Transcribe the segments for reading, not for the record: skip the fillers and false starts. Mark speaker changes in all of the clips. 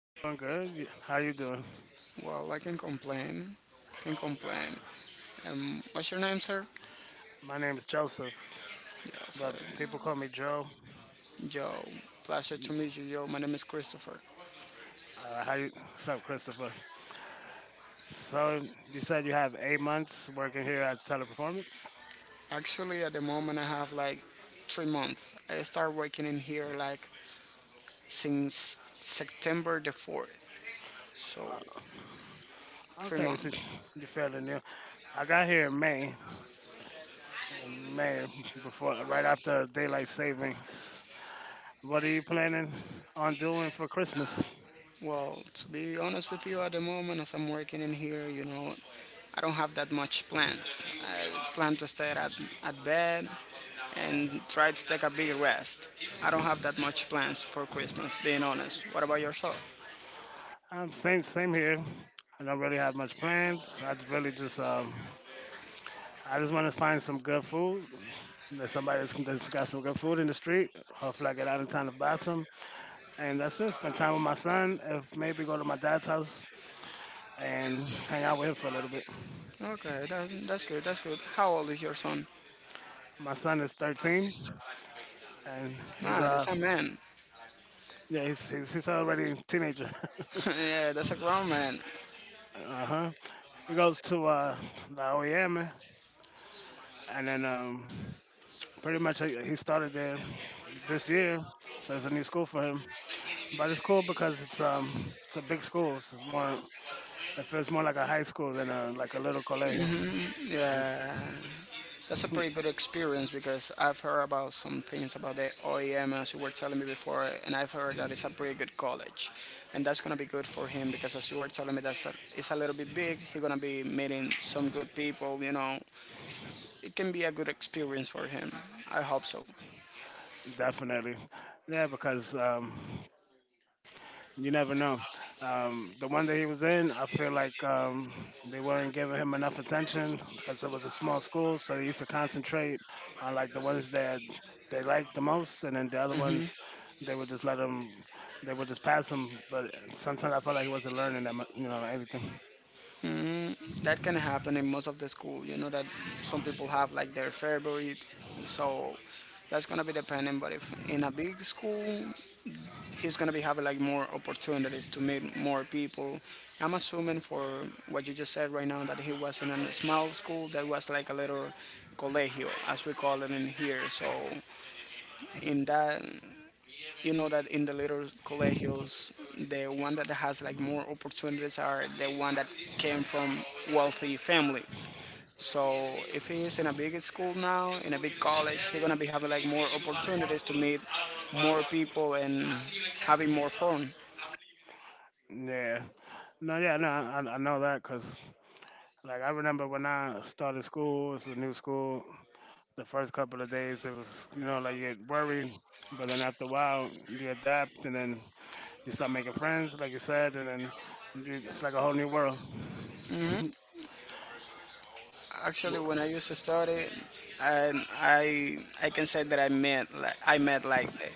Speaker 1: I'm doing good. How you doing?
Speaker 2: Well, I can complain. Can complain. What's your name, sir?
Speaker 1: My name is Joseph,
Speaker 2: Yeah,
Speaker 1: but
Speaker 2: sir.
Speaker 1: people call me Joe.
Speaker 2: Joe. Pleasure to meet you, Joe. My name is Christopher.
Speaker 1: How you? What's up, Christopher? So you said you have 8 months working here at Teleperformance.
Speaker 2: Actually, at the moment, I have like 3 months. I started working in here like since September the fourth. So
Speaker 1: Uh,
Speaker 2: three
Speaker 1: okay, so
Speaker 2: months.
Speaker 1: you're fairly new. I got here in May, in May before, right after daylight savings. What are you planning on doing for Christmas?
Speaker 2: Well, to be honest with you, at the moment, as I'm working in here, you know, I don't have that much plan. I plan to stay at bed and try to take a big rest. I don't have that much plans for Christmas, being honest. What about yourself?
Speaker 1: Same here. I don't really have much plans. I just want to find some good food. And there's somebody that's got some good food in the street. Hopefully, I get out in time to buy some. And that's it. Spend time with my son. If maybe go to my dad's house and hang out with him for a little bit.
Speaker 2: Okay, that's good, that's good. How old is your son?
Speaker 1: My son is 13, and he's
Speaker 2: Ah, that's a man.
Speaker 1: yeah he's already a teenager.
Speaker 2: Yeah, that's a grown man.
Speaker 1: Uh huh. He goes to La Oyama, and then pretty much he started there this year, so it's a new school for him. But it's cool because it's a big school. So it's more, it feels more like a high school than a like a little colegio.
Speaker 2: Yeah, that's a pretty good experience because I've heard about some things about the OEM as you were telling me before, and I've heard that it's a pretty good college, and that's gonna be good for him because as you were telling me, it's a little bit big. He's gonna be meeting some good people, you know, it can be a good experience for him. I hope so.
Speaker 1: Definitely, yeah, because you never know. The one that he was in, I feel like they weren't giving him enough attention because it was a small school, so they used to concentrate on like the ones that they liked the most, and then the other ones they would just they would just pass him. But sometimes I felt like he wasn't learning that mu anything.
Speaker 2: That can happen in most of the school. You know that some people have like their favorite, so that's gonna be depending. But if in a big school, he's gonna be having like more opportunities to meet more people. I'm assuming for what you just said right now that he was in a small school that was like a little colegio, as we call it in here. So in that you know that in the little colegios, the one that has like more opportunities are the one that came from wealthy families. So if he is in a big school now, in a big college, he's gonna be having like more opportunities to meet more people and having more fun.
Speaker 1: Yeah. No, yeah, no, I know that because, like, I remember when I started school, it was a new school, the first couple of days it was, you know, like you get worried, but then after a while you adapt, and then you start making friends like you said, and then you it's like a whole new world.
Speaker 2: Actually, when I used to study, I can say that I met like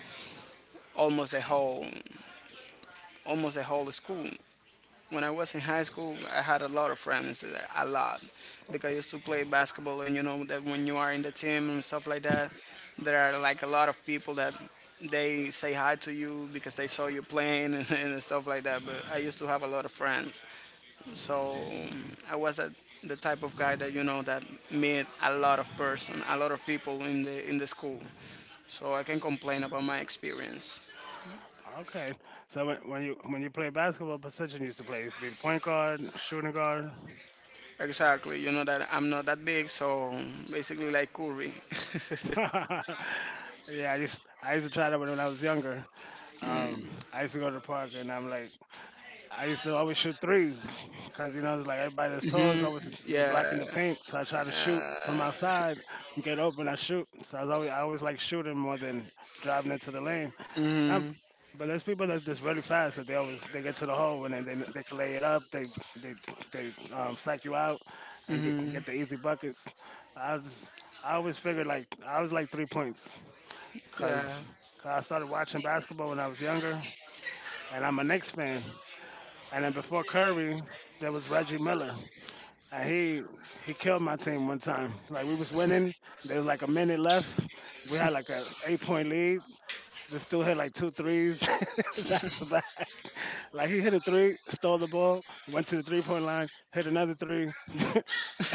Speaker 2: almost the whole school. When I was in high school, I had a lot of friends, a lot, because I used to play basketball, and you know that when you are in the team and stuff like that, there are like a lot of people that they say hi to you because they saw you playing and stuff like that. But I used to have a lot of friends, so I was a, the type of guy that you know that met a lot of person, a lot of people in the school. So I can complain about my experience.
Speaker 1: Okay, so when you play basketball, position you used to play used to be the point guard, shooting guard?
Speaker 2: Exactly. You know that I'm not that big, so basically like Curry.
Speaker 1: Yeah, I used to try that when I was younger. um I used to go to the park, and I'm like, I used to always shoot threes because, you know, it's like everybody that's tall is always they
Speaker 2: Yeah,
Speaker 1: blocking the paint. So I try to shoot from outside, get open, I shoot. So I was always, I always like shooting more than driving into the lane. Um but there's people that's just really fast that they always they get to the hole, and then they can lay it up. They they psych you out and get the easy buckets. I just, I always figured like I was like 3 points because
Speaker 2: yeah.
Speaker 1: I started watching basketball when I was younger, and I'm a Knicks fan. And then before Curry, there was Reggie Miller. And he killed my team one time. Like we was winning, there was like a minute left. We had like a 8 point lead. This dude hit like two threes. Back to back. Like he hit a three, stole the ball, went to the 3 point line, hit another three.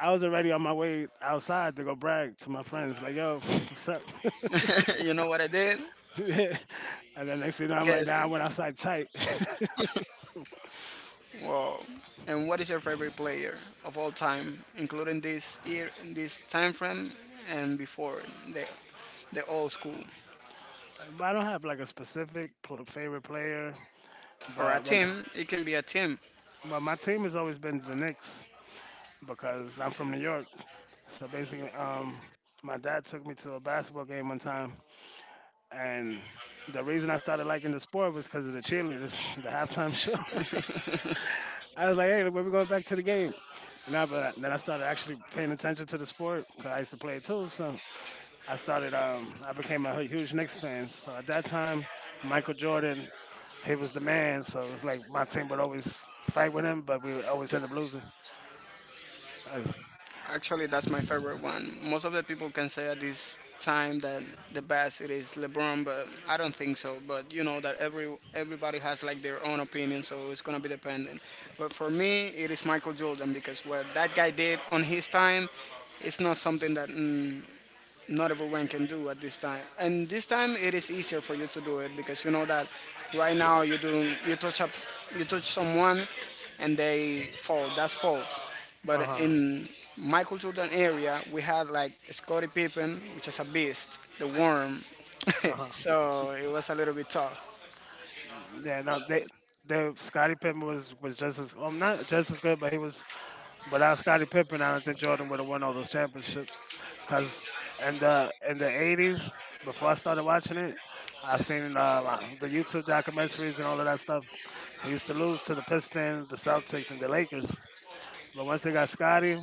Speaker 1: I was already on my way outside to go brag to my friends, like, yo, what's up?
Speaker 2: You know what I did?
Speaker 1: And then next thing you know, I'm like,
Speaker 2: Guess
Speaker 1: nah, I
Speaker 2: it.
Speaker 1: went outside tight.
Speaker 2: Wow. And what is your favorite player of all time, including this year, this time frame, and before the the old school
Speaker 1: I don't have like a specific favorite player,
Speaker 2: or a
Speaker 1: but when
Speaker 2: team? It can be a team.
Speaker 1: but my team has always been the Knicks because I'm from New York. So basically, my dad took me to a basketball game one time, and the reason I started liking the sport was because of the cheerleaders, the halftime show. I was like, hey, when we going back to the game? And I, but then I started actually paying attention to the sport because I used to play it too. So I started. I became a huge Knicks fan. So at that time, Michael Jordan, he was the man. So it was like my team would always fight with him, but we would always end up losing. Uh
Speaker 2: Actually, that's my favorite one. Most of the people can say at this time that the best it is LeBron, but I don't think so. But you know that everybody has like their own opinion, so it's gonna be dependent. But for me, it is Michael Jordan because what that guy did on his time, it's not something that not everyone can do at this time. And this time it is easier for you to do it because you know that right now you do you touch up you touch someone and they fall. That's fault. But
Speaker 1: huh.
Speaker 2: in my cultural area we had like Scottie Pippen, which is a beast, the worm.
Speaker 1: Uh huh.
Speaker 2: So it was a little bit tough.
Speaker 1: Yeah. No. They. The Scottie Pippen was just as not just as good, but he was, without Scottie Pippen, I don't think Jordan would have won all those championships. Cause in the 80s, before I started watching it, I seen the YouTube documentaries and all of that stuff. He used to lose to the Pistons, the Celtics, and the Lakers. But once they got Scotty,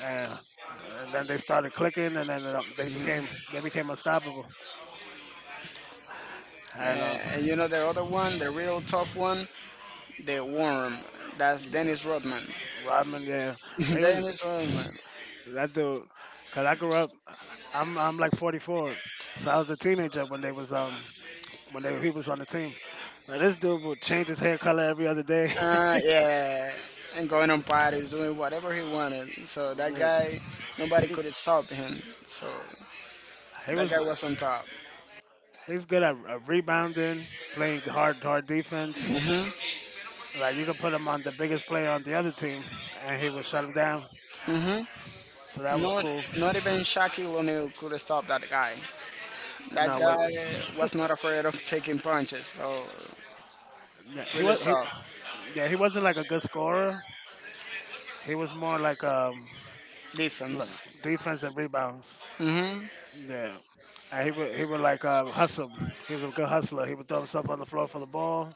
Speaker 1: and, and then they started clicking, and then they became unstoppable.
Speaker 2: Uh,
Speaker 1: And
Speaker 2: and you know the other one, the real tough one, the worm. That's Dennis Rodman.
Speaker 1: Rodman, yeah, he was
Speaker 2: Dennis Rodman.
Speaker 1: that dude. Cause I grew up, I'm like 44, so I was a teenager when they was he was on the team. Now this dude would change his hair color every other day.
Speaker 2: Yeah, and going on parties, doing whatever he wanted. So that
Speaker 1: Yeah.
Speaker 2: guy, nobody could stop him. So
Speaker 1: he
Speaker 2: that guy
Speaker 1: was
Speaker 2: was on top.
Speaker 1: he's good at rebounding, playing hard defense. Like you could put him on the biggest player on the other team, and he would shut him down. So that was
Speaker 2: Not,
Speaker 1: cool.
Speaker 2: not even Shaquille O'Neal could stop that guy. That
Speaker 1: No, wait,
Speaker 2: guy was not afraid of taking punches. So
Speaker 1: no, he
Speaker 2: really
Speaker 1: was he,
Speaker 2: tough
Speaker 1: yeah, he wasn't like a good scorer. He was more like like
Speaker 2: defense.
Speaker 1: defense and rebounds. Yeah, and he would like, hustle. He was a good hustler. He would throw himself on the floor for the ball.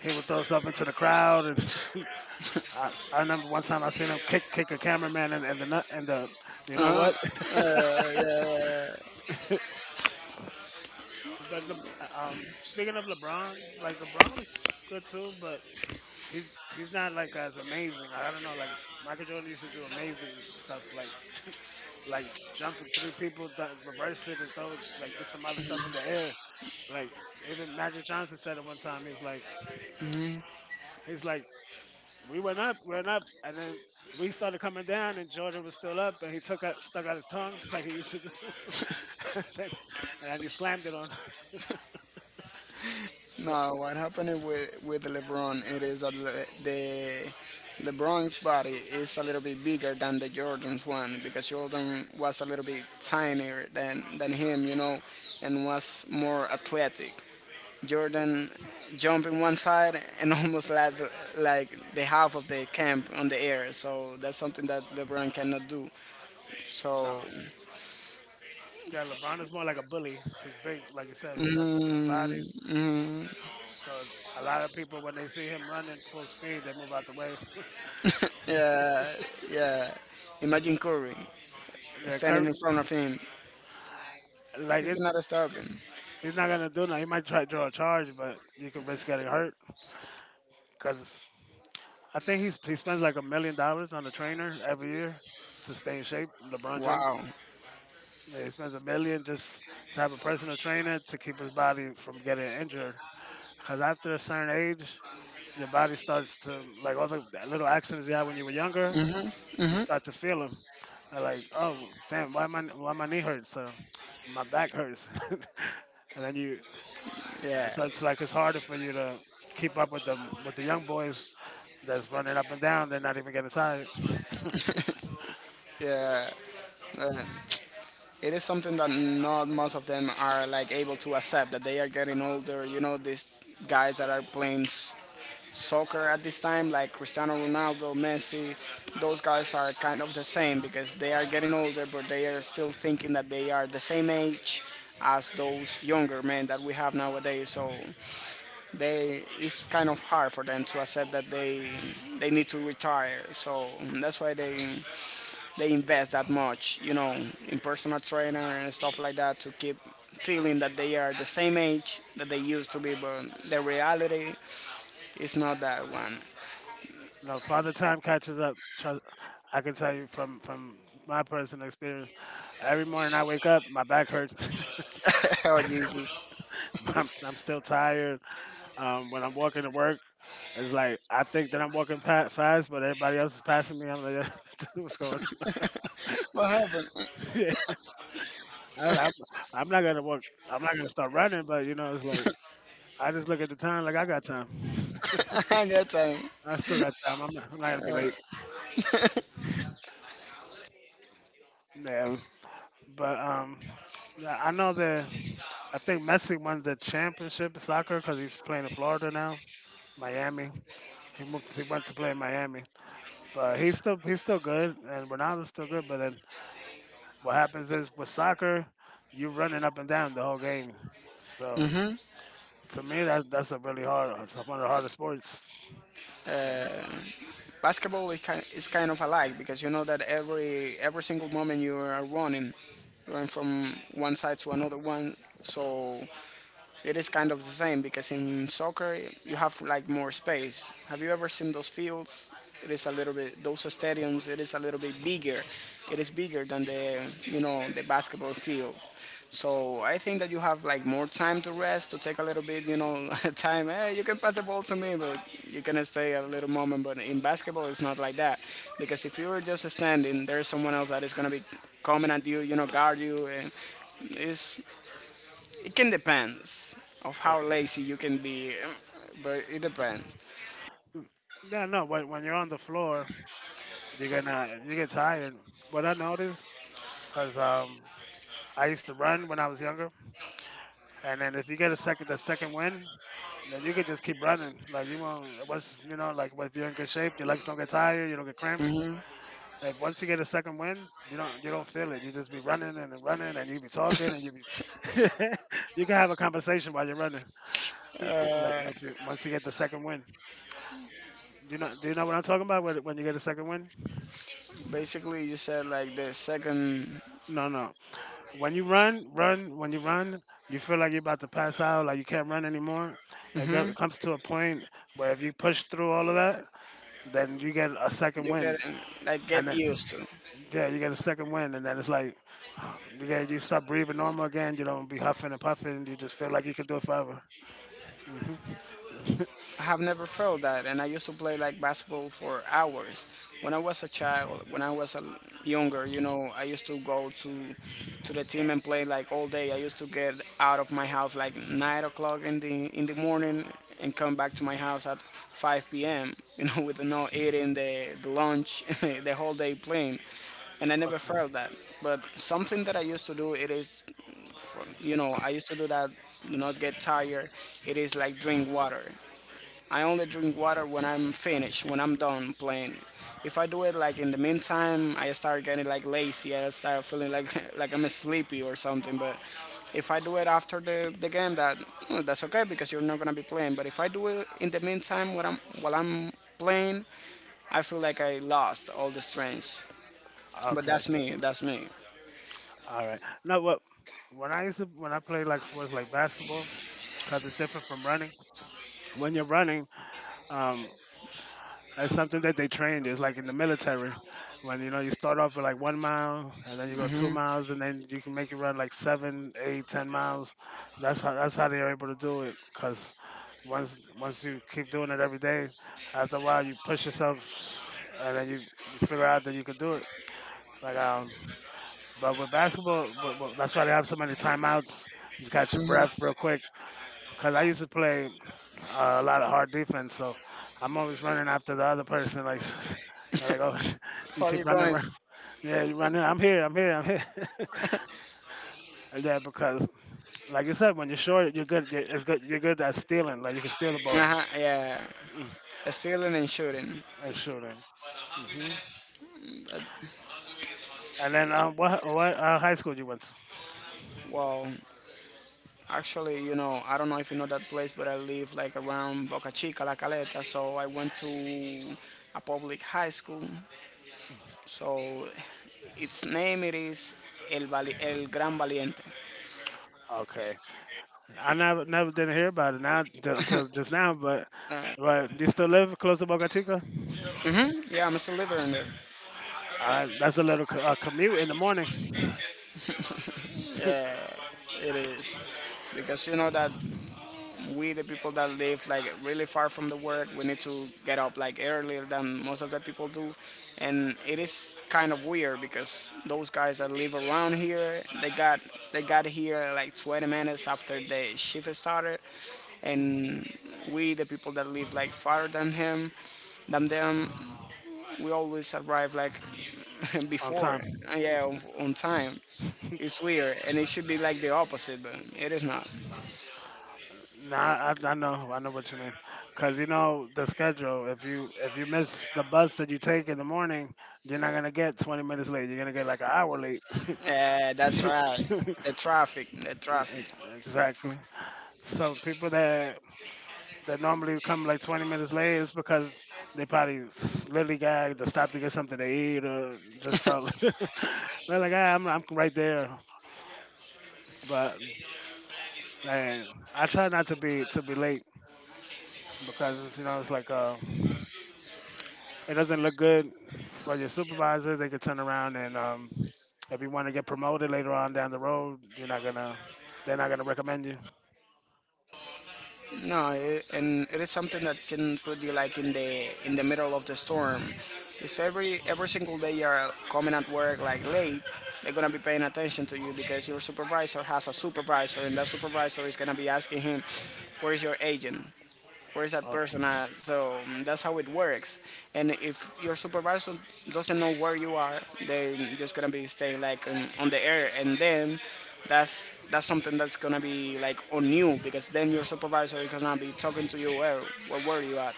Speaker 1: He would throw himself into the crowd, and I remember one time I seen him kick a cameraman, and the, you know what.
Speaker 2: Uh-huh. Yeah. Yeah, yeah.
Speaker 1: But Le- Speaking of LeBron, like LeBron is just good too, but he's he's not like as amazing. I don't know. Like Michael Jordan used to do amazing stuff, like like jumping through people, reverse it, and throw it, like do some other stuff in the air. Like even Magic Johnson said it one time. He's like we went up, and then we started coming down, and Jordan was still up, and he took out, stuck out his tongue like he used to do, and, then, and then he slammed it on. So
Speaker 2: No, what happened with LeBron? It is that Le, the LeBron's body is a little bit bigger than the Jordan's one because Jordan was a little bit tinier than him, you know, and was more athletic. Jordan jumped in one side and almost like the half of the camp on the air. So that's something that LeBron cannot do. So
Speaker 1: no, yeah, LeBron is more like a bully. He's big, like you said. He has a big
Speaker 2: mm,
Speaker 1: body. So a lot of people, when they see him running full speed, they move out the way.
Speaker 2: yeah, yeah. Imagine Curry
Speaker 1: They're
Speaker 2: standing
Speaker 1: cur-
Speaker 2: in front of him.
Speaker 1: like it,
Speaker 2: It's not disturbing.
Speaker 1: He's not gonna do nothing. He might try to draw a charge, but you could risk getting hurt. Cause I think he spends like $1 million on a trainer every year to stay in shape. LeBron James.
Speaker 2: Wow.
Speaker 1: Yeah, he spends 1 million just to have a personal trainer to keep his body from getting injured. Cause after a certain age, your body starts to like all the little accidents you had when you were younger. You start to feel them. I like, oh damn, why my knee hurts? So my back hurts, and then you.
Speaker 2: Yeah.
Speaker 1: So it's like it's harder for you to keep up with them, with the young boys that's running up and down. They're not even getting tired.
Speaker 2: Yeah. Uh, it is something that not most of them are like able to accept that they are getting older. You know, these guys that are playing soccer at this time, like Cristiano Ronaldo, Messi, those guys are kind of the same because they are getting older, but they are still thinking that they are the same age as those younger men that we have nowadays. So they it's kind of hard for them to accept that they need to retire. So that's why they invest that much, you know, in personal trainer and stuff like that to keep feeling that they are the same age that they used to be, but the reality is not that one.
Speaker 1: No, father time catches up. Trust, I can tell you from my personal experience. Every morning I wake up, my back hurts.
Speaker 2: Oh Jesus,
Speaker 1: I'm still tired. When I'm walking to work, it's like I think that I'm walking fast, but everybody else is passing me. I'm like, what's going
Speaker 2: what happened?
Speaker 1: on? I, I'm, I'm not gonna work. I'm not gonna start running, but you know, it's like I just look at the time. Like I got time.
Speaker 2: I got time.
Speaker 1: I still got time. I'm not gonna be late. Yeah, but yeah, I know that I think Messi won the championship in soccer because he's playing in Florida now, Miami. He moved. He went to play in Miami, but he's still good, and Ronaldo's still good. But then what happens is with soccer, you're running up and down the whole game. So to me, that's a really hard. It's one of the hardest sports.
Speaker 2: Basketball is kind of alike because you know that every single moment you are running going from one side to another one. So it is kind of the same because in soccer you have like more space. Have you ever seen those fields? It is a little bit those stadiums. It is a little bit bigger. It is bigger than the you know the basketball field. So I think that you have like more time to rest to take a little bit you know time. Hey, you can pass the ball to me, but you can stay a little moment. But in basketball, it's not like that because if you are just standing, there is someone else that is gonna be coming at you, you know, guard you and. It's it can depends of how lazy you can be, but it depends.
Speaker 1: Yeah, no. When you're on the floor, you get tired. What I noticed, cause I used to run when I was younger, and then if you get a second, the second win, then you could just keep running. Like you won't. Once you know, like if you're in good shape, your legs don't get tired, you don't get cramps. If once you get a second win, you don't feel it. You just be running and running, and you be talking, and you be you can have a conversation while you're running. Like if you, once you get the second win, do you know what I'm talking about? When you get a second win?
Speaker 2: Basically, you said like the second
Speaker 1: No, no. When you run, you feel like you're about to pass out, like you can't run anymore. It comes to a point where if you push through all of that, then you get a second
Speaker 2: you get
Speaker 1: wind.
Speaker 2: like
Speaker 1: And
Speaker 2: get
Speaker 1: then,
Speaker 2: used to.
Speaker 1: yeah, you get a second wind, and then it's like, you start breathing normal again. You don't be huffing and puffing. You just feel like you could do it forever. hmm
Speaker 2: I have never felt that, and I used to play like basketball for hours. When I was a child, when I was a younger, you know, I used to go to the team and play like all day. I used to get out of my house like 9 o'clock in the morning and come back to my house at 5 p.m. You know, with no eating, the lunch, the whole day playing, and I never
Speaker 1: okay.
Speaker 2: felt that. But something that I used to do, it is from you know I used to do that do not get tired it is like drink water. I only drink water when I'm finished, when I'm done playing. If I do it like in the meantime, I start getting like lazy. I start feeling like like I'm sleepy or something. But if I do it after the game, that that's okay because you're not gonna be playing. But if I do it in the meantime while I'm playing, I feel like I lost all the strength. But
Speaker 1: Okay.
Speaker 2: that's me. That's me.
Speaker 1: All right. Now, what when I played like sports like basketball, because it's different from running. When you're running, um, that's something that they trained. It's like in the military, when you know you start off with like 1 mile, and then you go 2 miles, and then you can make it run like seven, eight, 10 miles. That's how they're able to do it. Cause once you keep doing it every day, after a while you push yourself, and then you figure out that you can do it. Like but with basketball, but that's why they have so many timeouts. You catch your breath real quick. Cause I used to play a lot of hard defense, so I'm always running after the other person. Like they're like, oh, you
Speaker 2: Where are
Speaker 1: keep
Speaker 2: you
Speaker 1: running,
Speaker 2: going?
Speaker 1: run. Yeah, you running. I'm here, I'm here, I'm here. And yeah, because like you said, when you're short, you're good. It's good. You're good at stealing. Like you can steal the ball,
Speaker 2: Uh-huh, yeah,
Speaker 1: mm,
Speaker 2: stealing and shooting.
Speaker 1: and shooting. Hmm.
Speaker 2: Uh,
Speaker 1: And then what high school you went to?
Speaker 2: wow. Actually, you know, I don't know if you know that place, but I live like around Boca Chica, La Caleta. So I went to a public high school. So its name it is El Gran Valiente.
Speaker 1: Okay, I never didn't hear about it until just now. But you still live close to Boca Chica?
Speaker 2: Yeah, I'm still living in there.
Speaker 1: All right, that's a little commute in the morning.
Speaker 2: It is because you know that we the people that live like really far from the work we need to get up like earlier than most of the people do, and it is kind of weird because those guys that live around here they got here like 20 minutes after the shift started, and we the people that live like farther than him than them we always arrive like
Speaker 1: On
Speaker 2: before,
Speaker 1: time.
Speaker 2: yeah, on time. It's weird and it should be like the opposite but it is not.
Speaker 1: Nah, I know what you mean. Cause you know the schedule. If you miss the bus that you take in the morning, you're not gonna get 20 minutes late. You're gonna get like an hour late.
Speaker 2: Yeah, that's right. The traffic, the traffic.
Speaker 1: E- exactly. So people that normally come like 20 minutes late it's because they literally gagged or stopped to get something to eat or just felt they're like, ah, I'm right there. But like, I try not to be late because it's, you know it's like it doesn't look good for your supervisor. They could turn around, and if you want to get promoted later on down the road, you're not gonna, they're not gonna recommend you.
Speaker 2: No, it, and it is something that can put you like in the middle of the storm. If every single day you're coming at work like late, they're gonna be paying attention to you because your supervisor has a supervisor, and that supervisor is gonna be asking him, "Where's your agent? Where is that
Speaker 1: Uh,
Speaker 2: person at?" So that's how it works. And if your supervisor doesn't know where you are, they just gonna be staying like on the air, and then that's something that's gonna be like on you because then your supervisor is gonna be talking to you, where were you at?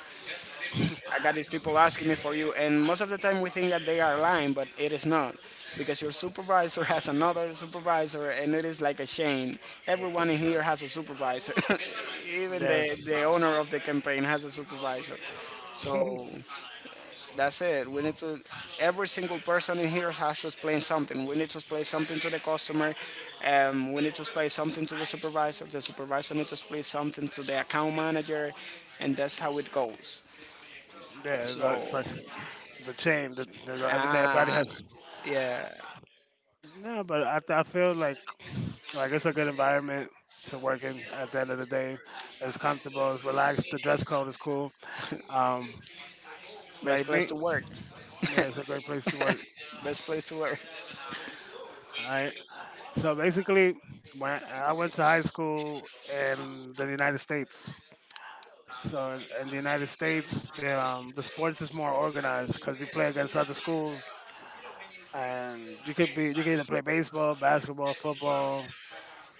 Speaker 2: I got these people asking me for you, and most of the time we think that they are lying, but it is not. Because your supervisor has another supervisor, and it is like a chain. Everyone in here has a supervisor. Even
Speaker 1: yeah,
Speaker 2: the owner of the campaign has a supervisor. So that's it. We need to, every single person in here has to explain something. We need to explain something to the customer. We need to explain something to the supervisor. The supervisor needs to explain something to the account manager, and that's how it goes.
Speaker 1: yeah,
Speaker 2: So
Speaker 1: it's like the chain. They go everything. Everybody
Speaker 2: Ah,
Speaker 1: has.
Speaker 2: yeah.
Speaker 1: No, but I feel like it's a good environment to work in. At the end of the day, it's comfortable, it's relaxed. The dress code is cool. Um,
Speaker 2: Best
Speaker 1: like
Speaker 2: place
Speaker 1: me,
Speaker 2: to work.
Speaker 1: yeah, it's a great place to work.
Speaker 2: Best place to work.
Speaker 1: All right. So basically, when I went to high school in the United States. So in the United States, the sports is more organized because you play against other schools, and you could be you can either play baseball, basketball, football,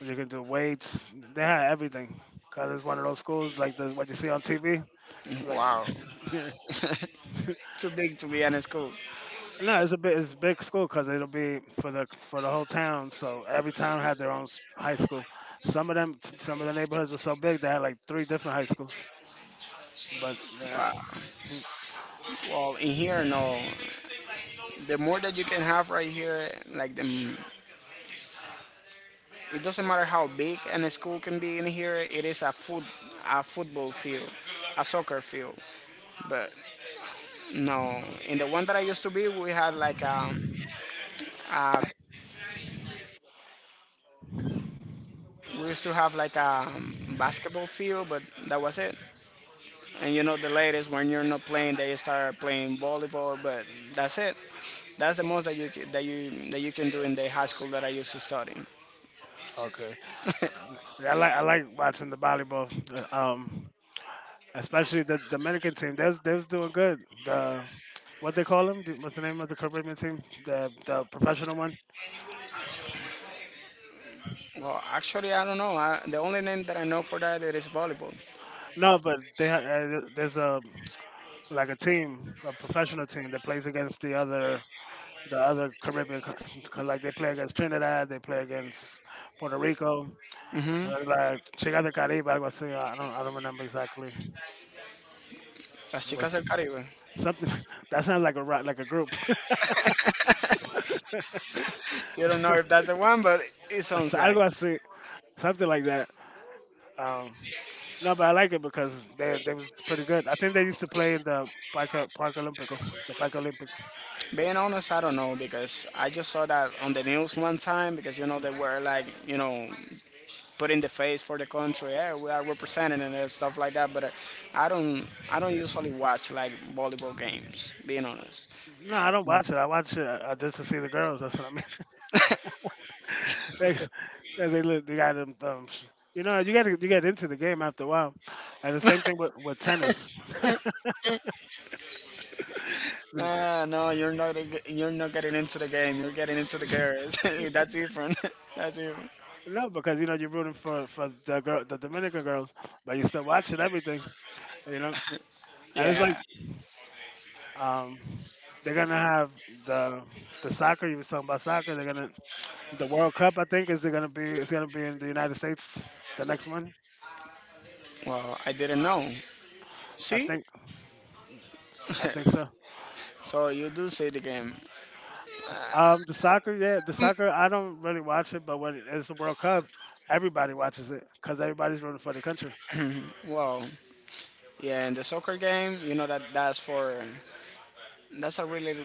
Speaker 1: or you can do weights. They had everything because it's one of those schools like the what you see on TV. Like,
Speaker 2: Wow. Too big to be in a school.
Speaker 1: no, it's a big school because it'll be for the whole town. So every town had their own high school. Some of them, some of the neighborhoods were so big they had like three different high schools. But uh,
Speaker 2: Wow.
Speaker 1: hmm,
Speaker 2: Well, in here, no. The more that you can have right here, like the, it doesn't matter how big and school can be in here. It is a football field, a soccer field. But no, in the one that I used to be, we had like we used to have like a basketball field, but that was it. And the ladies, when you're not playing, they start playing volleyball. But that's it. That's the most that you ca- that you can do in the high school that I used to study.
Speaker 1: okay, I like watching the volleyball, uh, um, especially the Dominican team. They was doing good. The what they call them? What's the name of the Caribbean team? The professional one?
Speaker 2: Well, actually, I don't know. The only name that I know for that it is volleyball.
Speaker 1: No, but there's a like a team, a professional team that plays against the other Caribbean, like they play against Trinidad, they play against Puerto Rico.
Speaker 2: Hmm.
Speaker 1: Like Chica de Caribe, algo así. I don't remember exactly. It
Speaker 2: Las Chicas
Speaker 1: was
Speaker 2: del Caribe.
Speaker 1: something that sounds like a like a group.
Speaker 2: You don't know if that's the one, but it sounds
Speaker 1: So,
Speaker 2: like.
Speaker 1: algo así, something like that. Um, no, but I like it because they was pretty good. I think they used to play in the Park Olympico, the Park Olympic.
Speaker 2: Being honest, I don't know because I just saw that on the news one time because they were like put in the face for the country. Yeah, we are representing it and stuff like that. But I don't, I don't usually watch like volleyball games. Being honest,
Speaker 1: No, I don't watch it. I watch it just to see the girls. That's what I mean. they, they look, they got them thumbs. You know, you got to you get into the game after a while, and the same thing with tennis.
Speaker 2: nah, no, you're not getting into the game. You're getting into the girls. That's different. That's different.
Speaker 1: No, because you know you're rooting for the girl, the Dominican girls, but you're still watching everything. You know, and it's like
Speaker 2: Yeah.
Speaker 1: um, they're gonna have the soccer. You were talking about soccer. The World Cup. I think is it gonna be it's gonna be in the United States the next one.
Speaker 2: Well, I didn't know.
Speaker 1: I
Speaker 2: See,
Speaker 1: think I think so.
Speaker 2: so you do see the game.
Speaker 1: The soccer, yeah, the soccer. I don't really watch it, but when it's the World Cup, everybody watches it because everybody's rooting for the country.
Speaker 2: Well, yeah, in the soccer game, you know that that's a really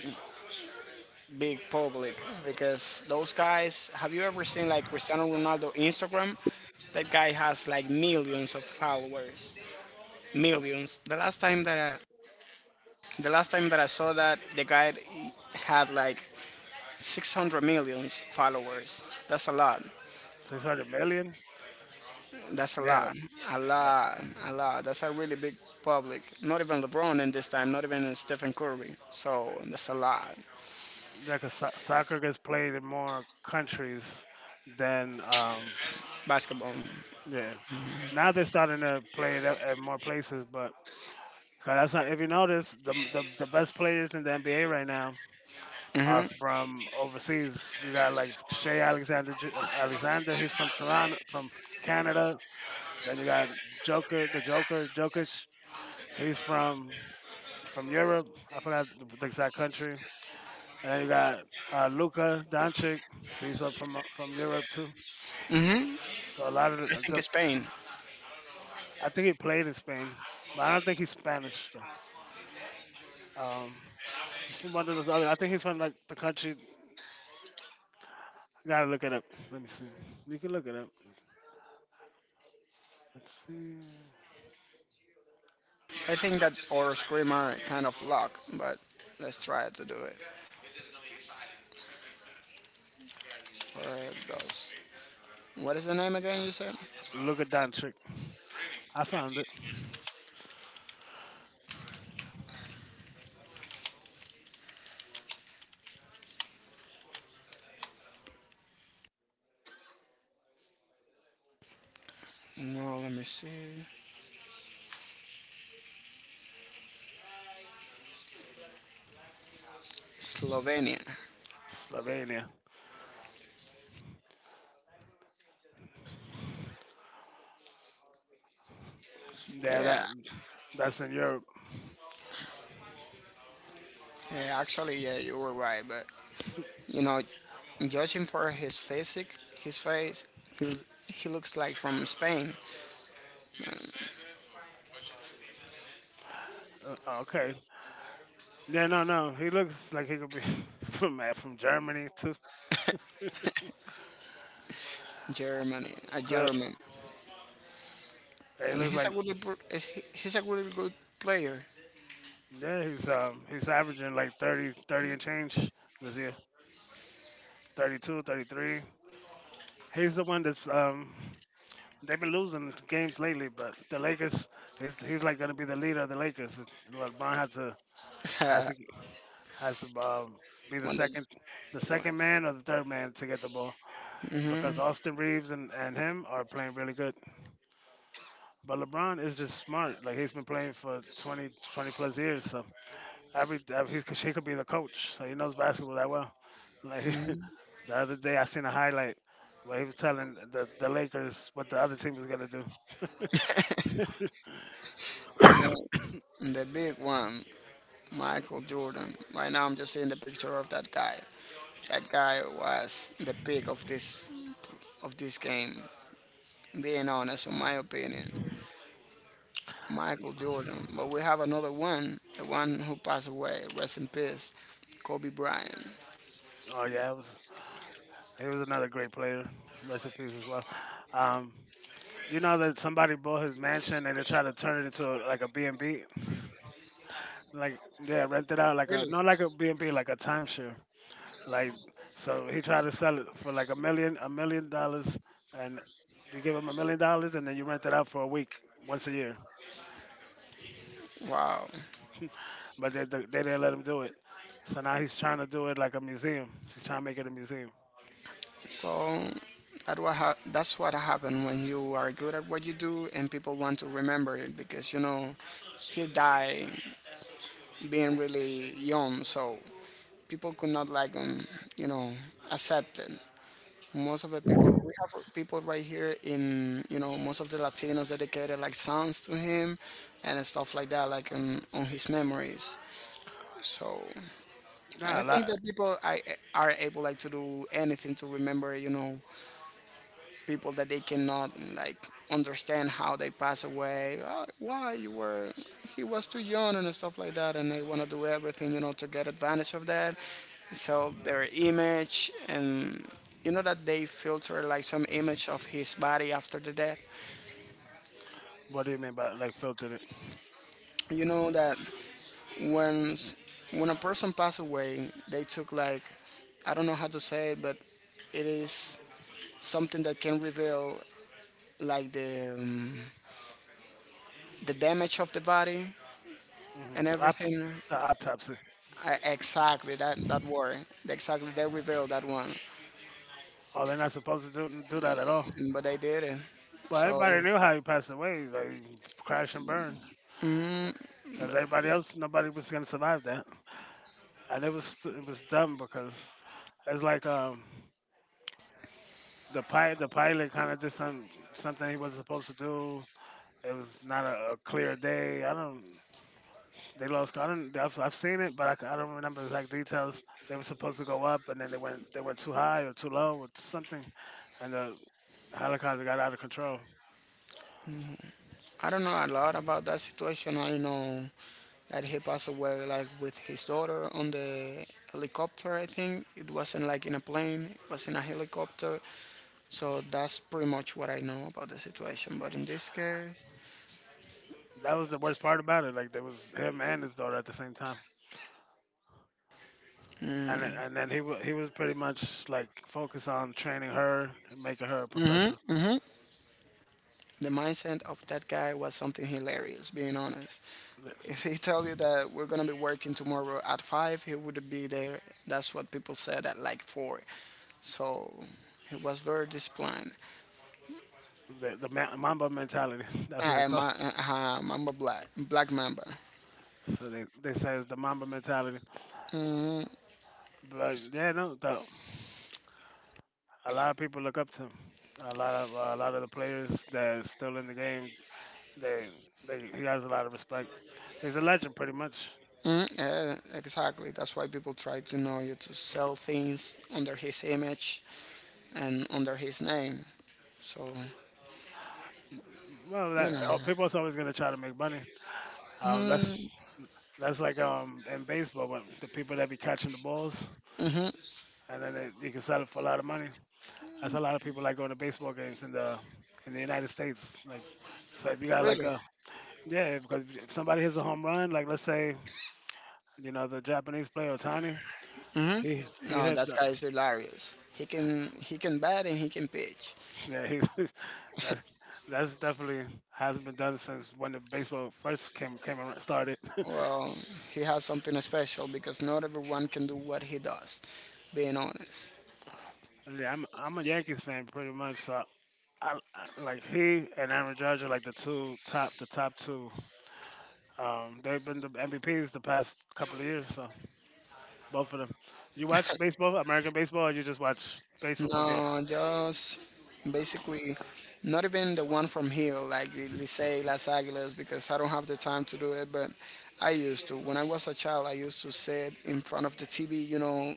Speaker 2: big public because those guys. Have you ever seen like Cristiano Ronaldo Instagram? That guy has like millions of followers. Millions. The last time that I, the last time that I saw that, the guy had like 600 millions followers. That's a lot.
Speaker 1: 600 million.
Speaker 2: That's a
Speaker 1: Yeah,
Speaker 2: lot. A lot. A lot. That's a really big public. Not even LeBron in this time, not even Stephen Curry. So that's a lot.
Speaker 1: yeah, like soccer gets played in more countries than
Speaker 2: Basketball.
Speaker 1: yeah. Now they're starting to play it at more places, but 'cause that's not. If you notice, the best players in the NBA right now are
Speaker 2: Hmm.
Speaker 1: from overseas. You got like Alexander. He's from Toronto, from Canada. Then you got Joker, the Joker, Jokic. He's from Europe. I forgot the exact country. And then you got Luka Doncic. He's up from Europe too.
Speaker 2: Hmm.
Speaker 1: So a lot of
Speaker 2: I
Speaker 1: the, a
Speaker 2: think
Speaker 1: good,
Speaker 2: it's Spain.
Speaker 1: I think he played in Spain, but I don't think he's Spanish though. Um, he's from one of those other. I think he's from like the country. Gotta look it up. Let me see. You can look it up. Let's see.
Speaker 2: I think that our screamer kind of locked, but let's try to do it. Where it goes. What is the name again you said?
Speaker 1: Luka Doncic. I found it.
Speaker 2: No, let me see. Slovenia.
Speaker 1: Slovenia. Yeah,
Speaker 2: Yeah.
Speaker 1: that's in Europe.
Speaker 2: Yeah, actually, yeah, you were right, but you know, judging for his physique, his face, he, he looks like from Spain,
Speaker 1: Okay, yeah, no. He looks like he could be from Germany too.
Speaker 2: Germany, a
Speaker 1: 'Cause
Speaker 2: German,
Speaker 1: he
Speaker 2: and
Speaker 1: looks
Speaker 2: he's a
Speaker 1: like
Speaker 2: good, pr- he's a really good player.
Speaker 1: yeah, he's averaging like 30 30 and change this year. 32, 33. He's the one that's they've been losing games lately, but the Lakers he's like gonna be the leader of the Lakers. LeBron has
Speaker 2: when
Speaker 1: to has to be
Speaker 2: the
Speaker 1: the second man or the third man to get the ball because Austin Reeves and him are playing really good. But LeBron is just smart. Like he's been playing for 20, 20 plus years, so he's, he could be the coach. So he knows basketball that well. Like the other day, I seen a highlight where he was telling the Lakers what the other team was gonna do.
Speaker 2: when the big one, Michael Jordan. Right now, I'm just seeing the picture of that guy. That guy was the peak of this game. Being honest, in my opinion, Michael Jordan. But we have another one, the one who passed away. Rest in peace, Kobe Bryant.
Speaker 1: Oh yeah, it was he was another great player. Rest in peace as well. Um, you know that somebody bought his mansion and they tried to turn it into like a B and B, like yeah, rent it out like a no like a B and B like a timeshare. Like so, he tried to sell it for $1 million, and you give him $1 million, and then you rent it out for a week once a year.
Speaker 2: Wow.
Speaker 1: But they didn't let him do it. So now he's trying to do it like a museum. He's trying to make it a museum.
Speaker 2: So that's what happened when you are good at what you do and people want to remember it, because you know he died being really young. So people could not like you know accept it. Most of the people, we have people right here, in most of the Latinos, dedicated like songs to him and stuff like that, like on his memories. So i
Speaker 1: Nah,
Speaker 2: think that
Speaker 1: like,
Speaker 2: people I, are able like to do anything to remember, people that they cannot like understand how they pass away. "Oh, why you were he was too young," and stuff like that, and they want to do everything to get advantage of that, so their image. And you know that they filter like some image of his body after the death.
Speaker 1: what do you mean by like filtered it?
Speaker 2: You know that when a person passed away, they took like, I don't know how to say it, but it is something that can reveal like the damage of the body
Speaker 1: hmm
Speaker 2: and
Speaker 1: Opt-
Speaker 2: everything.
Speaker 1: the autopsy.
Speaker 2: Exactly, that word. Exactly, they revealed that one,
Speaker 1: Oh, they're not supposed to do that at all.
Speaker 2: but they did it.
Speaker 1: Well,
Speaker 2: So
Speaker 1: everybody knew how he passed away, like crash and burn, because everybody else, nobody was gonna survive that, and it was dumb because it's like the the pilot kind of did something he wasn't supposed to do. It was not a clear day. I don't. They lost. I don't. I've seen it, but I don't remember the exact details. They were supposed to go up, and then they went too high or too low or something, and the helicopter got out of control.
Speaker 2: I don't know a lot about that situation. I know that he passed away like with his daughter on the helicopter. I think it wasn't like in a plane. It was in a helicopter. So that's pretty much what I know about the situation. But in this case,
Speaker 1: That was the worst part about it. Like there was him and his daughter at the same time, and then he was pretty much like focused on training her and making her a professional.
Speaker 2: mm-hmm. The mindset of that guy was something hilarious, being honest.
Speaker 1: The,
Speaker 2: If he tell you that we're gonna be working tomorrow at 5, he would be there. That's what people said at like 4. So he was very disciplined.
Speaker 1: the Mamba mentality. That's what it
Speaker 2: Black Mamba.
Speaker 1: So they say it's the Mamba mentality. But yeah, no, a lot of people look up to him. A lot of the players that are still in the game, they, they he has a lot of respect. He's a legend, pretty much.
Speaker 2: Mm, yeah, exactly. That's why people try to know you to sell things under his image and under his name. So
Speaker 1: Well, oh, people are always gonna try to make money. Um, that's that's like in baseball when the people that be catching the balls and then you can sell it for a lot of money. That's a lot of people like going to baseball games in the United States. Like, so if you got like
Speaker 2: really,
Speaker 1: a yeah, because if somebody hits a home run, like let's say you know the Japanese player Otani. He
Speaker 2: no,
Speaker 1: hit
Speaker 2: that
Speaker 1: the
Speaker 2: guy is hilarious. He can bat and he can pitch.
Speaker 1: yeah. He's that's that's definitely hasn't been done since when the baseball first came around, started.
Speaker 2: Well, he has something special because not everyone can do what he does, being honest.
Speaker 1: Yeah, I'm a Yankees fan pretty much. So I like he and Aaron Judge are like the two top the top two. They've been the MVPs the past couple of years. So both of them. You watch baseball, American baseball, or you just watch baseball from here?
Speaker 2: No, just basically not even the one from here, like Licey, Las Aguilas, because I don't have the time to do it, but I used to. When I was a child, I used to sit in front of the TV, you know,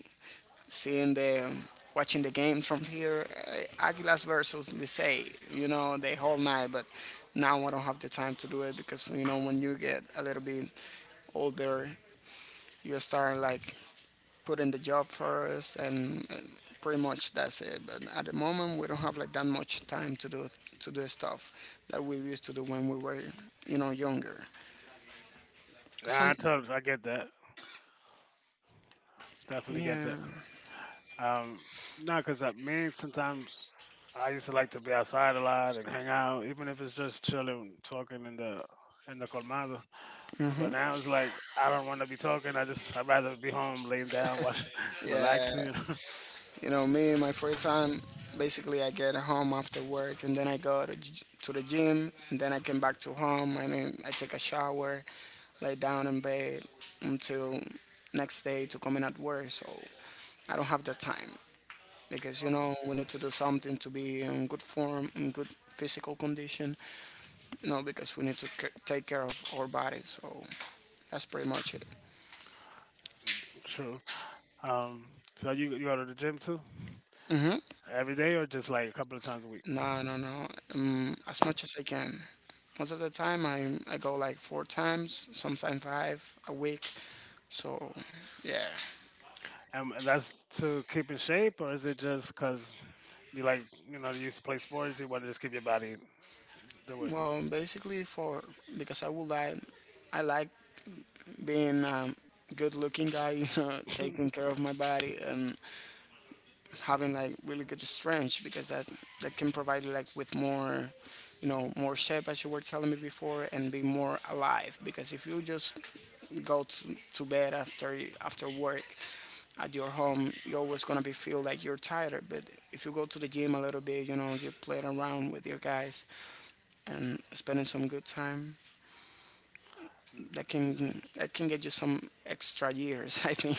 Speaker 2: seeing the watching the games from here. Aguilas versus Licey, the whole night. But now I don't have the time to do it because, when you get a little bit older, you start like putting the job first, and pretty much that's it. But at the moment, we don't have like that much time to do stuff that we used to do when we were younger.
Speaker 1: Nah,
Speaker 2: Some
Speaker 1: I get that. Definitely get
Speaker 2: Yeah,
Speaker 1: that. Um, no, because I me, sometimes I used to like to be outside a lot and hang out, even if it's just chilling, talking in the colmado. But now it's like I don't want to be talking. I'd rather be home, laying down, watch,
Speaker 2: yeah,
Speaker 1: relaxing.
Speaker 2: you know me, my free time, basically I get home after work, and then I go to the gym, and then I come back to home, and then I take a shower, lay down in bed until next day to come in at work. So I don't have the time, because
Speaker 1: Um,
Speaker 2: we need to do something to be in good form, in good physical condition. You know, because we need to take care of our bodies. So that's pretty much it.
Speaker 1: True. Um, so you go to the gym too
Speaker 2: Mhm.
Speaker 1: every day, or just like a couple of times a week?
Speaker 2: No, no, no. As much as I can. Most of the time, I go like four times, sometimes five a week. So yeah.
Speaker 1: And that's to keep in shape, or is it just because you like, you know, you used to play sports, you want to just keep your body doing?
Speaker 2: Well, basically for because I like being good looking guy, taking care of my body, and having like really good strength, because that can provide you like with more shape, as you were telling me before, and be more alive. Because if you just go to bed after work at your home, you're always going to be feel like you're tired. But if you go to the gym a little bit, you play around with your guys and spending some good time, that can get you some extra years, I think.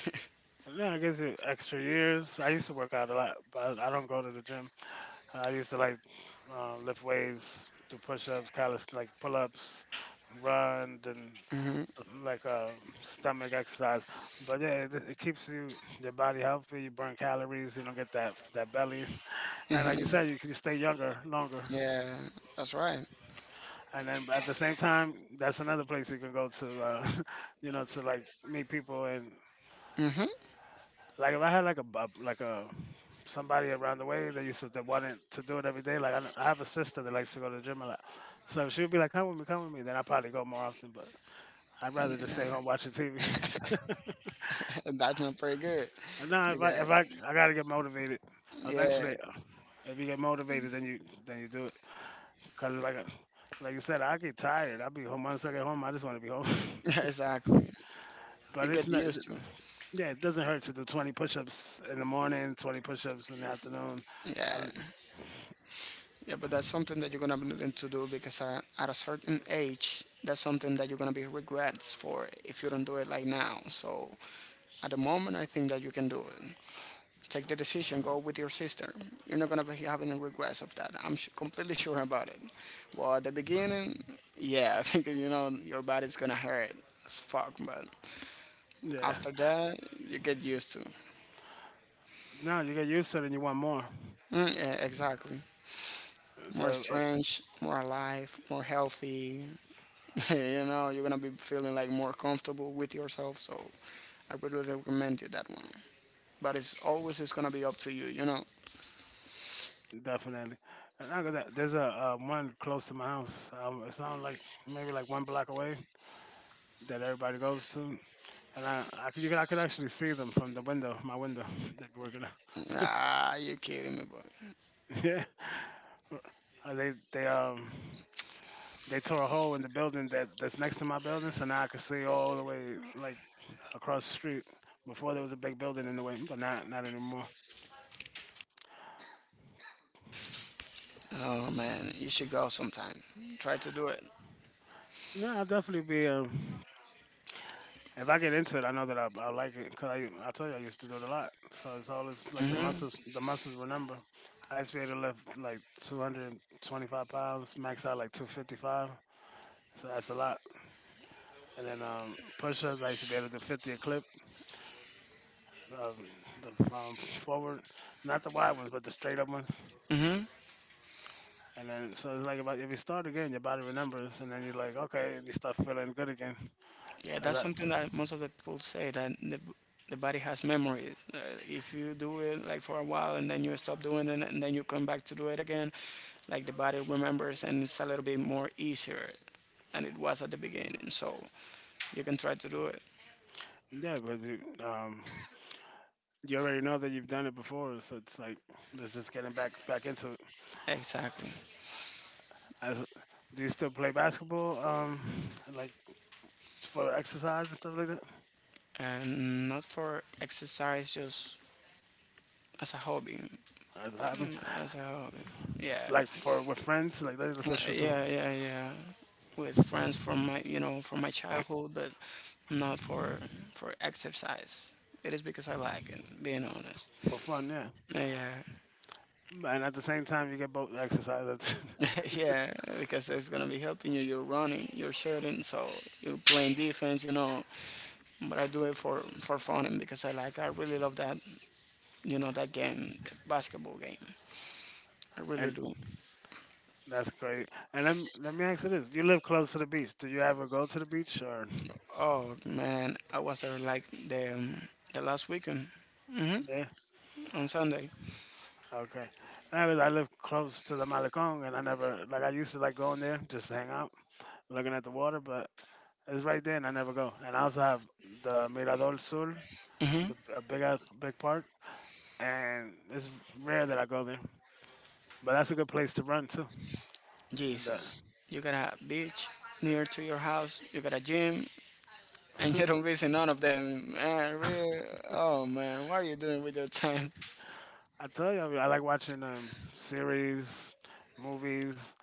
Speaker 1: Yeah, I guess extra years. I used to work out a lot, but I don't go to the gym. I used to like lift weights, do push-ups, callus like pull-ups, run, and like stomach exercise. But yeah, it keeps you your body healthy. You burn calories. You don't get that belly. And like you said, you can stay younger longer.
Speaker 2: Yeah, that's right.
Speaker 1: And then but at the same time, that's another place you can go to, you know, to like meet people and like if I had like a somebody around the way that wanted to do it every day. Like I have a sister that likes to go to the gym a lot, so if she would be like, "Come with me, come with me." Then I probably go more often, but I'd rather just stay home watching TV.
Speaker 2: That's not pretty good.
Speaker 1: No,
Speaker 2: You
Speaker 1: if I
Speaker 2: get,
Speaker 1: if I I gotta get motivated.
Speaker 2: yeah,
Speaker 1: Eventually, if you get motivated, then you do it. Cause like I- like you said, I get tired. I'll be home once I get home. I just want to be home.
Speaker 2: exactly. You
Speaker 1: But it's
Speaker 2: get
Speaker 1: not.
Speaker 2: used to it.
Speaker 1: Yeah, it doesn't hurt to do 20 push-ups in the morning, 20 push-ups in the afternoon. I,
Speaker 2: Yeah, yeah, but that's something that you're gonna be needing to do, because at a certain age, that's something that you're gonna be regrets for if you don't do it like now. So at the moment, I think that you can do it. Take the decision, go with your sister. You're not gonna be having any regrets of that. I'm completely sure about it. Well, at the beginning, yeah, I think your body's gonna hurt as fuck, but
Speaker 1: yeah.
Speaker 2: after that, you get used to.
Speaker 1: No, you get used to it and you want more.
Speaker 2: Mm, yeah, exactly.
Speaker 1: So
Speaker 2: More
Speaker 1: eh,
Speaker 2: strange, more alive, more healthy. You're gonna be feeling like more comfortable with yourself. So, I would really recommend you that one. But it's gonna be up to you. You know.
Speaker 1: definitely. And there's a one close to my house. It's not like maybe like one block away that everybody goes to, and I could actually see them from the window, my window. They'd be working
Speaker 2: Ah, you kidding me, boy.
Speaker 1: out. Yeah. They tore a hole in the building that's next to my building, so now I could see all the way like across the street. Before there was a big building in the way, but not anymore.
Speaker 2: Oh man, you should go sometime. Try to do it.
Speaker 1: No, I'll definitely be if I get into it, I know that I like it because I tell you I used to do it a lot. So it's always like the muscles remember. I used to be able to lift like 225 pounds, max out like 255. So that's a lot. And then push-ups, I used to be able to do 50 a clip, um, the forward, not the wide ones, but the straight up ones. And then so it's like about if you start again, your body remembers, and then you're like, okay, and you start feeling good again.
Speaker 2: Yeah,
Speaker 1: 'Cause
Speaker 2: that's
Speaker 1: that-
Speaker 2: something that most of the people say, that the body has memories. If you do it like for a while and then you stop doing it and then you come back to do it again, like the body remembers, and it's a little bit more easier than it was at the beginning. So you can try to do it.
Speaker 1: yeah, because you you already know that you've done it before, so it's like let's just get him back into it.
Speaker 2: Exactly.
Speaker 1: As, do you still play basketball? Like for exercise and stuff like that.
Speaker 2: And not for exercise, just as a hobby.
Speaker 1: As a hobby,
Speaker 2: As a hobby. Yeah.
Speaker 1: like for with friends, like let's go shoot some
Speaker 2: Yeah, yeah, yeah. With friends from my childhood, but not for exercise. It is because I like it. Being honest.
Speaker 1: for fun, yeah.
Speaker 2: Yeah,
Speaker 1: And at the same time, you get both exercise.
Speaker 2: yeah, because it's gonna be helping you. You're running, you're shooting, so you're playing defense. But I do it for fun and because I like. I really love that, that game, the basketball game. I really
Speaker 1: And
Speaker 2: do.
Speaker 1: that's great. And let me ask you this: you live close to the beach. Do you ever go to the beach or
Speaker 2: Oh man, I was there like the last weekend
Speaker 1: yeah?
Speaker 2: on Sunday.
Speaker 1: Okay. And I live close to the Malecón, and I never like I used to like going there just to hang out looking at the water, but it's right there, and I never go. And I also have the Mirador Sur,
Speaker 2: Mm-hmm.
Speaker 1: the a big park, and it's rare that I go there. But that's a good place to run too. And
Speaker 2: Jesus, you got a beach near to your house, you got a gym, and you don't visit none of them. Man, really? Oh man, what are you doing with your time?
Speaker 1: I tell you, mean, I like watching series, movies,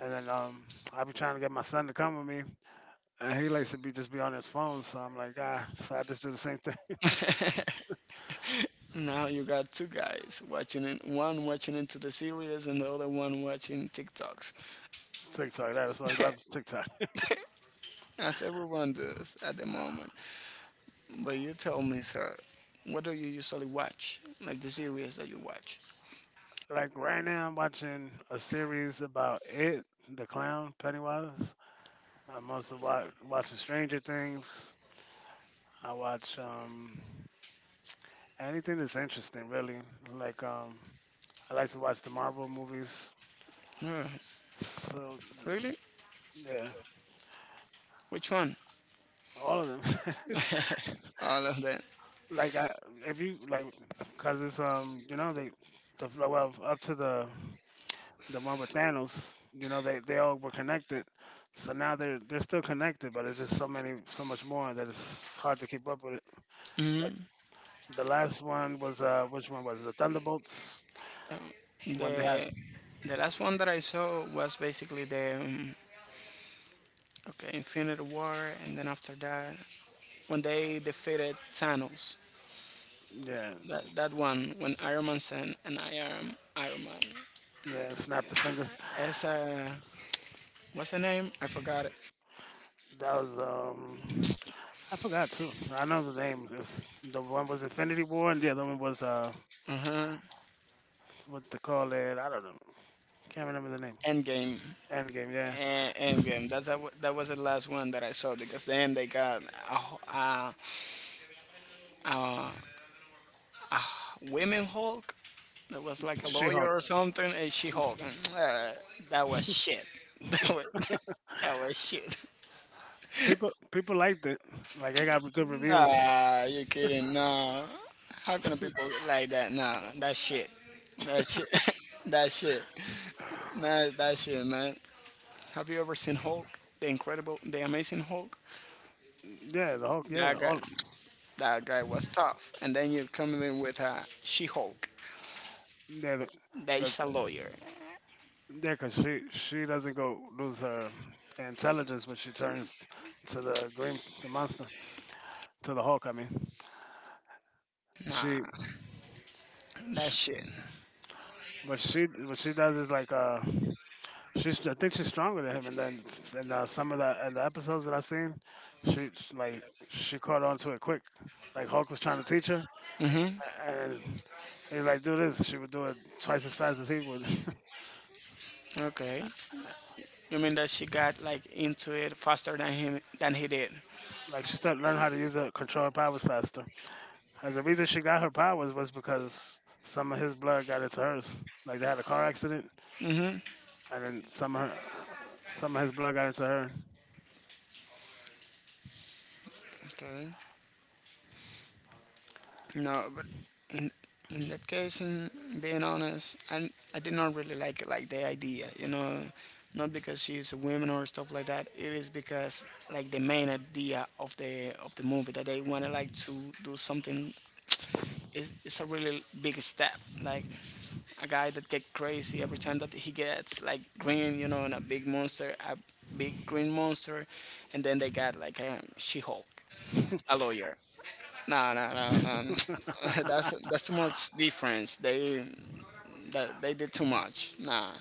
Speaker 1: and then I be trying to get my son to come with me, and he likes to be just be on his phone. So I'm like, ah, so I just do the same thing.
Speaker 2: Now you got two guys watching it, one watching into the series and the other one watching TikToks,
Speaker 1: TikTok, that's why he loves TikTok.
Speaker 2: as everyone does at the
Speaker 1: Uh,
Speaker 2: moment. But you tell me, sir, what do you usually watch? Like the series that you watch?
Speaker 1: like right now, I'm watching a series about the clown Pennywise. I mostly watching Stranger Things. I watch anything that's interesting, really. Like I like to watch the Marvel movies.
Speaker 2: Uh,
Speaker 1: So
Speaker 2: Really?
Speaker 1: yeah,
Speaker 2: Which one?
Speaker 1: all of them.
Speaker 2: All of them.
Speaker 1: Like I, if you like, cause it's you know the well up to the the one with Thanos, you know they all were connected. So now they're still connected, but it's just so many, so much more that it's hard to keep up with it. Like the last one was which one was it? The Thunderbolts when they had
Speaker 2: The the last one that I saw was basically Infinity War, and then after that, when they defeated Thanos,
Speaker 1: yeah,
Speaker 2: that one when Iron Man sent, "And I am Iron Man."
Speaker 1: yeah, snap the finger.
Speaker 2: As a What's the name? I forgot it.
Speaker 1: That was I forgot too. I know the name. The one was Infinity War, and the other one was
Speaker 2: Uh huh.
Speaker 1: what they call it. I don't know. Can't remember the name.
Speaker 2: Endgame.
Speaker 1: Endgame. Yeah,
Speaker 2: Endgame. That was the last one that I saw, because then they got a, a women Hulk that was like a lawyer
Speaker 1: She-Hulk.
Speaker 2: or something, and She Hulk. And that was shit. That was that was shit.
Speaker 1: People, people liked it. Like I got good reviews.
Speaker 2: Ah, you kidding? Nah. How can people like that? Nah, that shit. That shit. that shit. Nah, that shit, man. Have you ever seen Hulk? The Incredible, the Amazing Hulk.
Speaker 1: Yeah, the Hulk. Yeah,
Speaker 2: That
Speaker 1: all.
Speaker 2: guy, that guy was tough. And then you come in with a She-Hulk.
Speaker 1: Yeah, the,
Speaker 2: That
Speaker 1: the,
Speaker 2: is a lawyer.
Speaker 1: yeah, 'cause she doesn't go lose her intelligence when she turns to the green, the monster, to the Hulk. I mean, she,
Speaker 2: Nah, that
Speaker 1: she
Speaker 2: shit.
Speaker 1: but she what she does is like she's I think she's stronger than him and then and some of the and the episodes that I seen she, like she caught on to it quick like Hulk was trying to teach her
Speaker 2: Mm-hmm.
Speaker 1: and he's like do this she would do it twice as fast as he would
Speaker 2: Okay. You mean that she got like into it faster than him than he did?
Speaker 1: like she started learn how to use her control her powers faster as the reason she got her powers was because some of his blood got into hers like they had a car accident and then some of his blood got into her
Speaker 2: Okay. No, but in in that case, in being honest, I did not really like it, like the idea, not because she's a woman or stuff like that. It is because, like, the main idea of the movie that they wanted like to do something is it's a really big step, like a guy that get crazy every time that he gets like green, and a big monster, a big green monster, and then they got like a She-Hulk, a lawyer. No, no, no, no. That's too much difference. They that they did too much. Nah,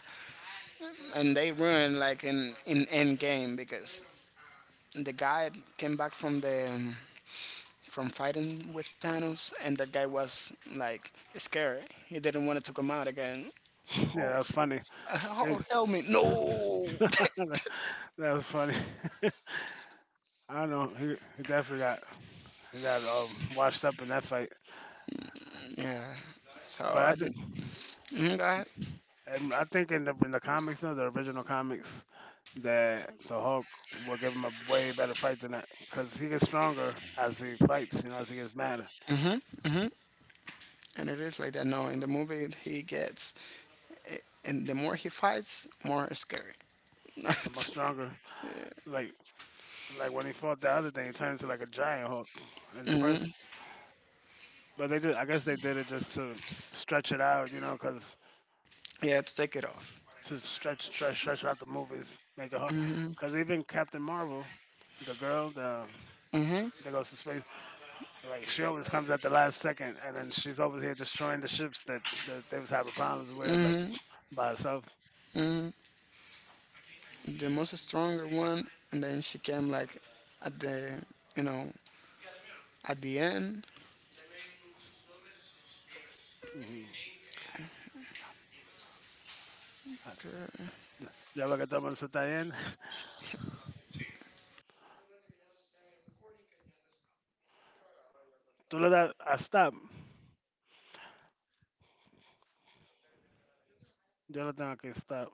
Speaker 2: and they ruined like in end game, because the guy came back from fighting with Thanos, and that guy was like scared. He didn't want it to come out again.
Speaker 1: yeah that was funny
Speaker 2: Oh,
Speaker 1: It,
Speaker 2: help me! No.
Speaker 1: that was funny. I don't know. He definitely got he got washed up in that fight.
Speaker 2: yeah. So
Speaker 1: But I
Speaker 2: I
Speaker 1: think
Speaker 2: didn't. Mhm, go ahead.
Speaker 1: and I think in the comics, though, the original comics, that the Hulk will give him a way better fight than that because he gets stronger as he fights. You know, as he gets madder,
Speaker 2: And it is like that. No, in the movie he gets, and the more he fights, more scary.
Speaker 1: the more stronger. Like like when he fought the other thing, he turned into like a giant Hulk in the first one. But they did. I guess they did it just to stretch it out. You know, because
Speaker 2: Yeah, to take it off.
Speaker 1: to stretch out the movies, make it hard. Because even Captain Marvel, the girl the, that goes to space, like she always comes at the last second, and then she's over here destroying the ships that they was having problems with, like by herself.
Speaker 2: The most stronger one, and then she came like at the you know at the end,
Speaker 1: Hmm. Ya lo que estamos está bien. Tú le das a stop. Yo le tengo que stop.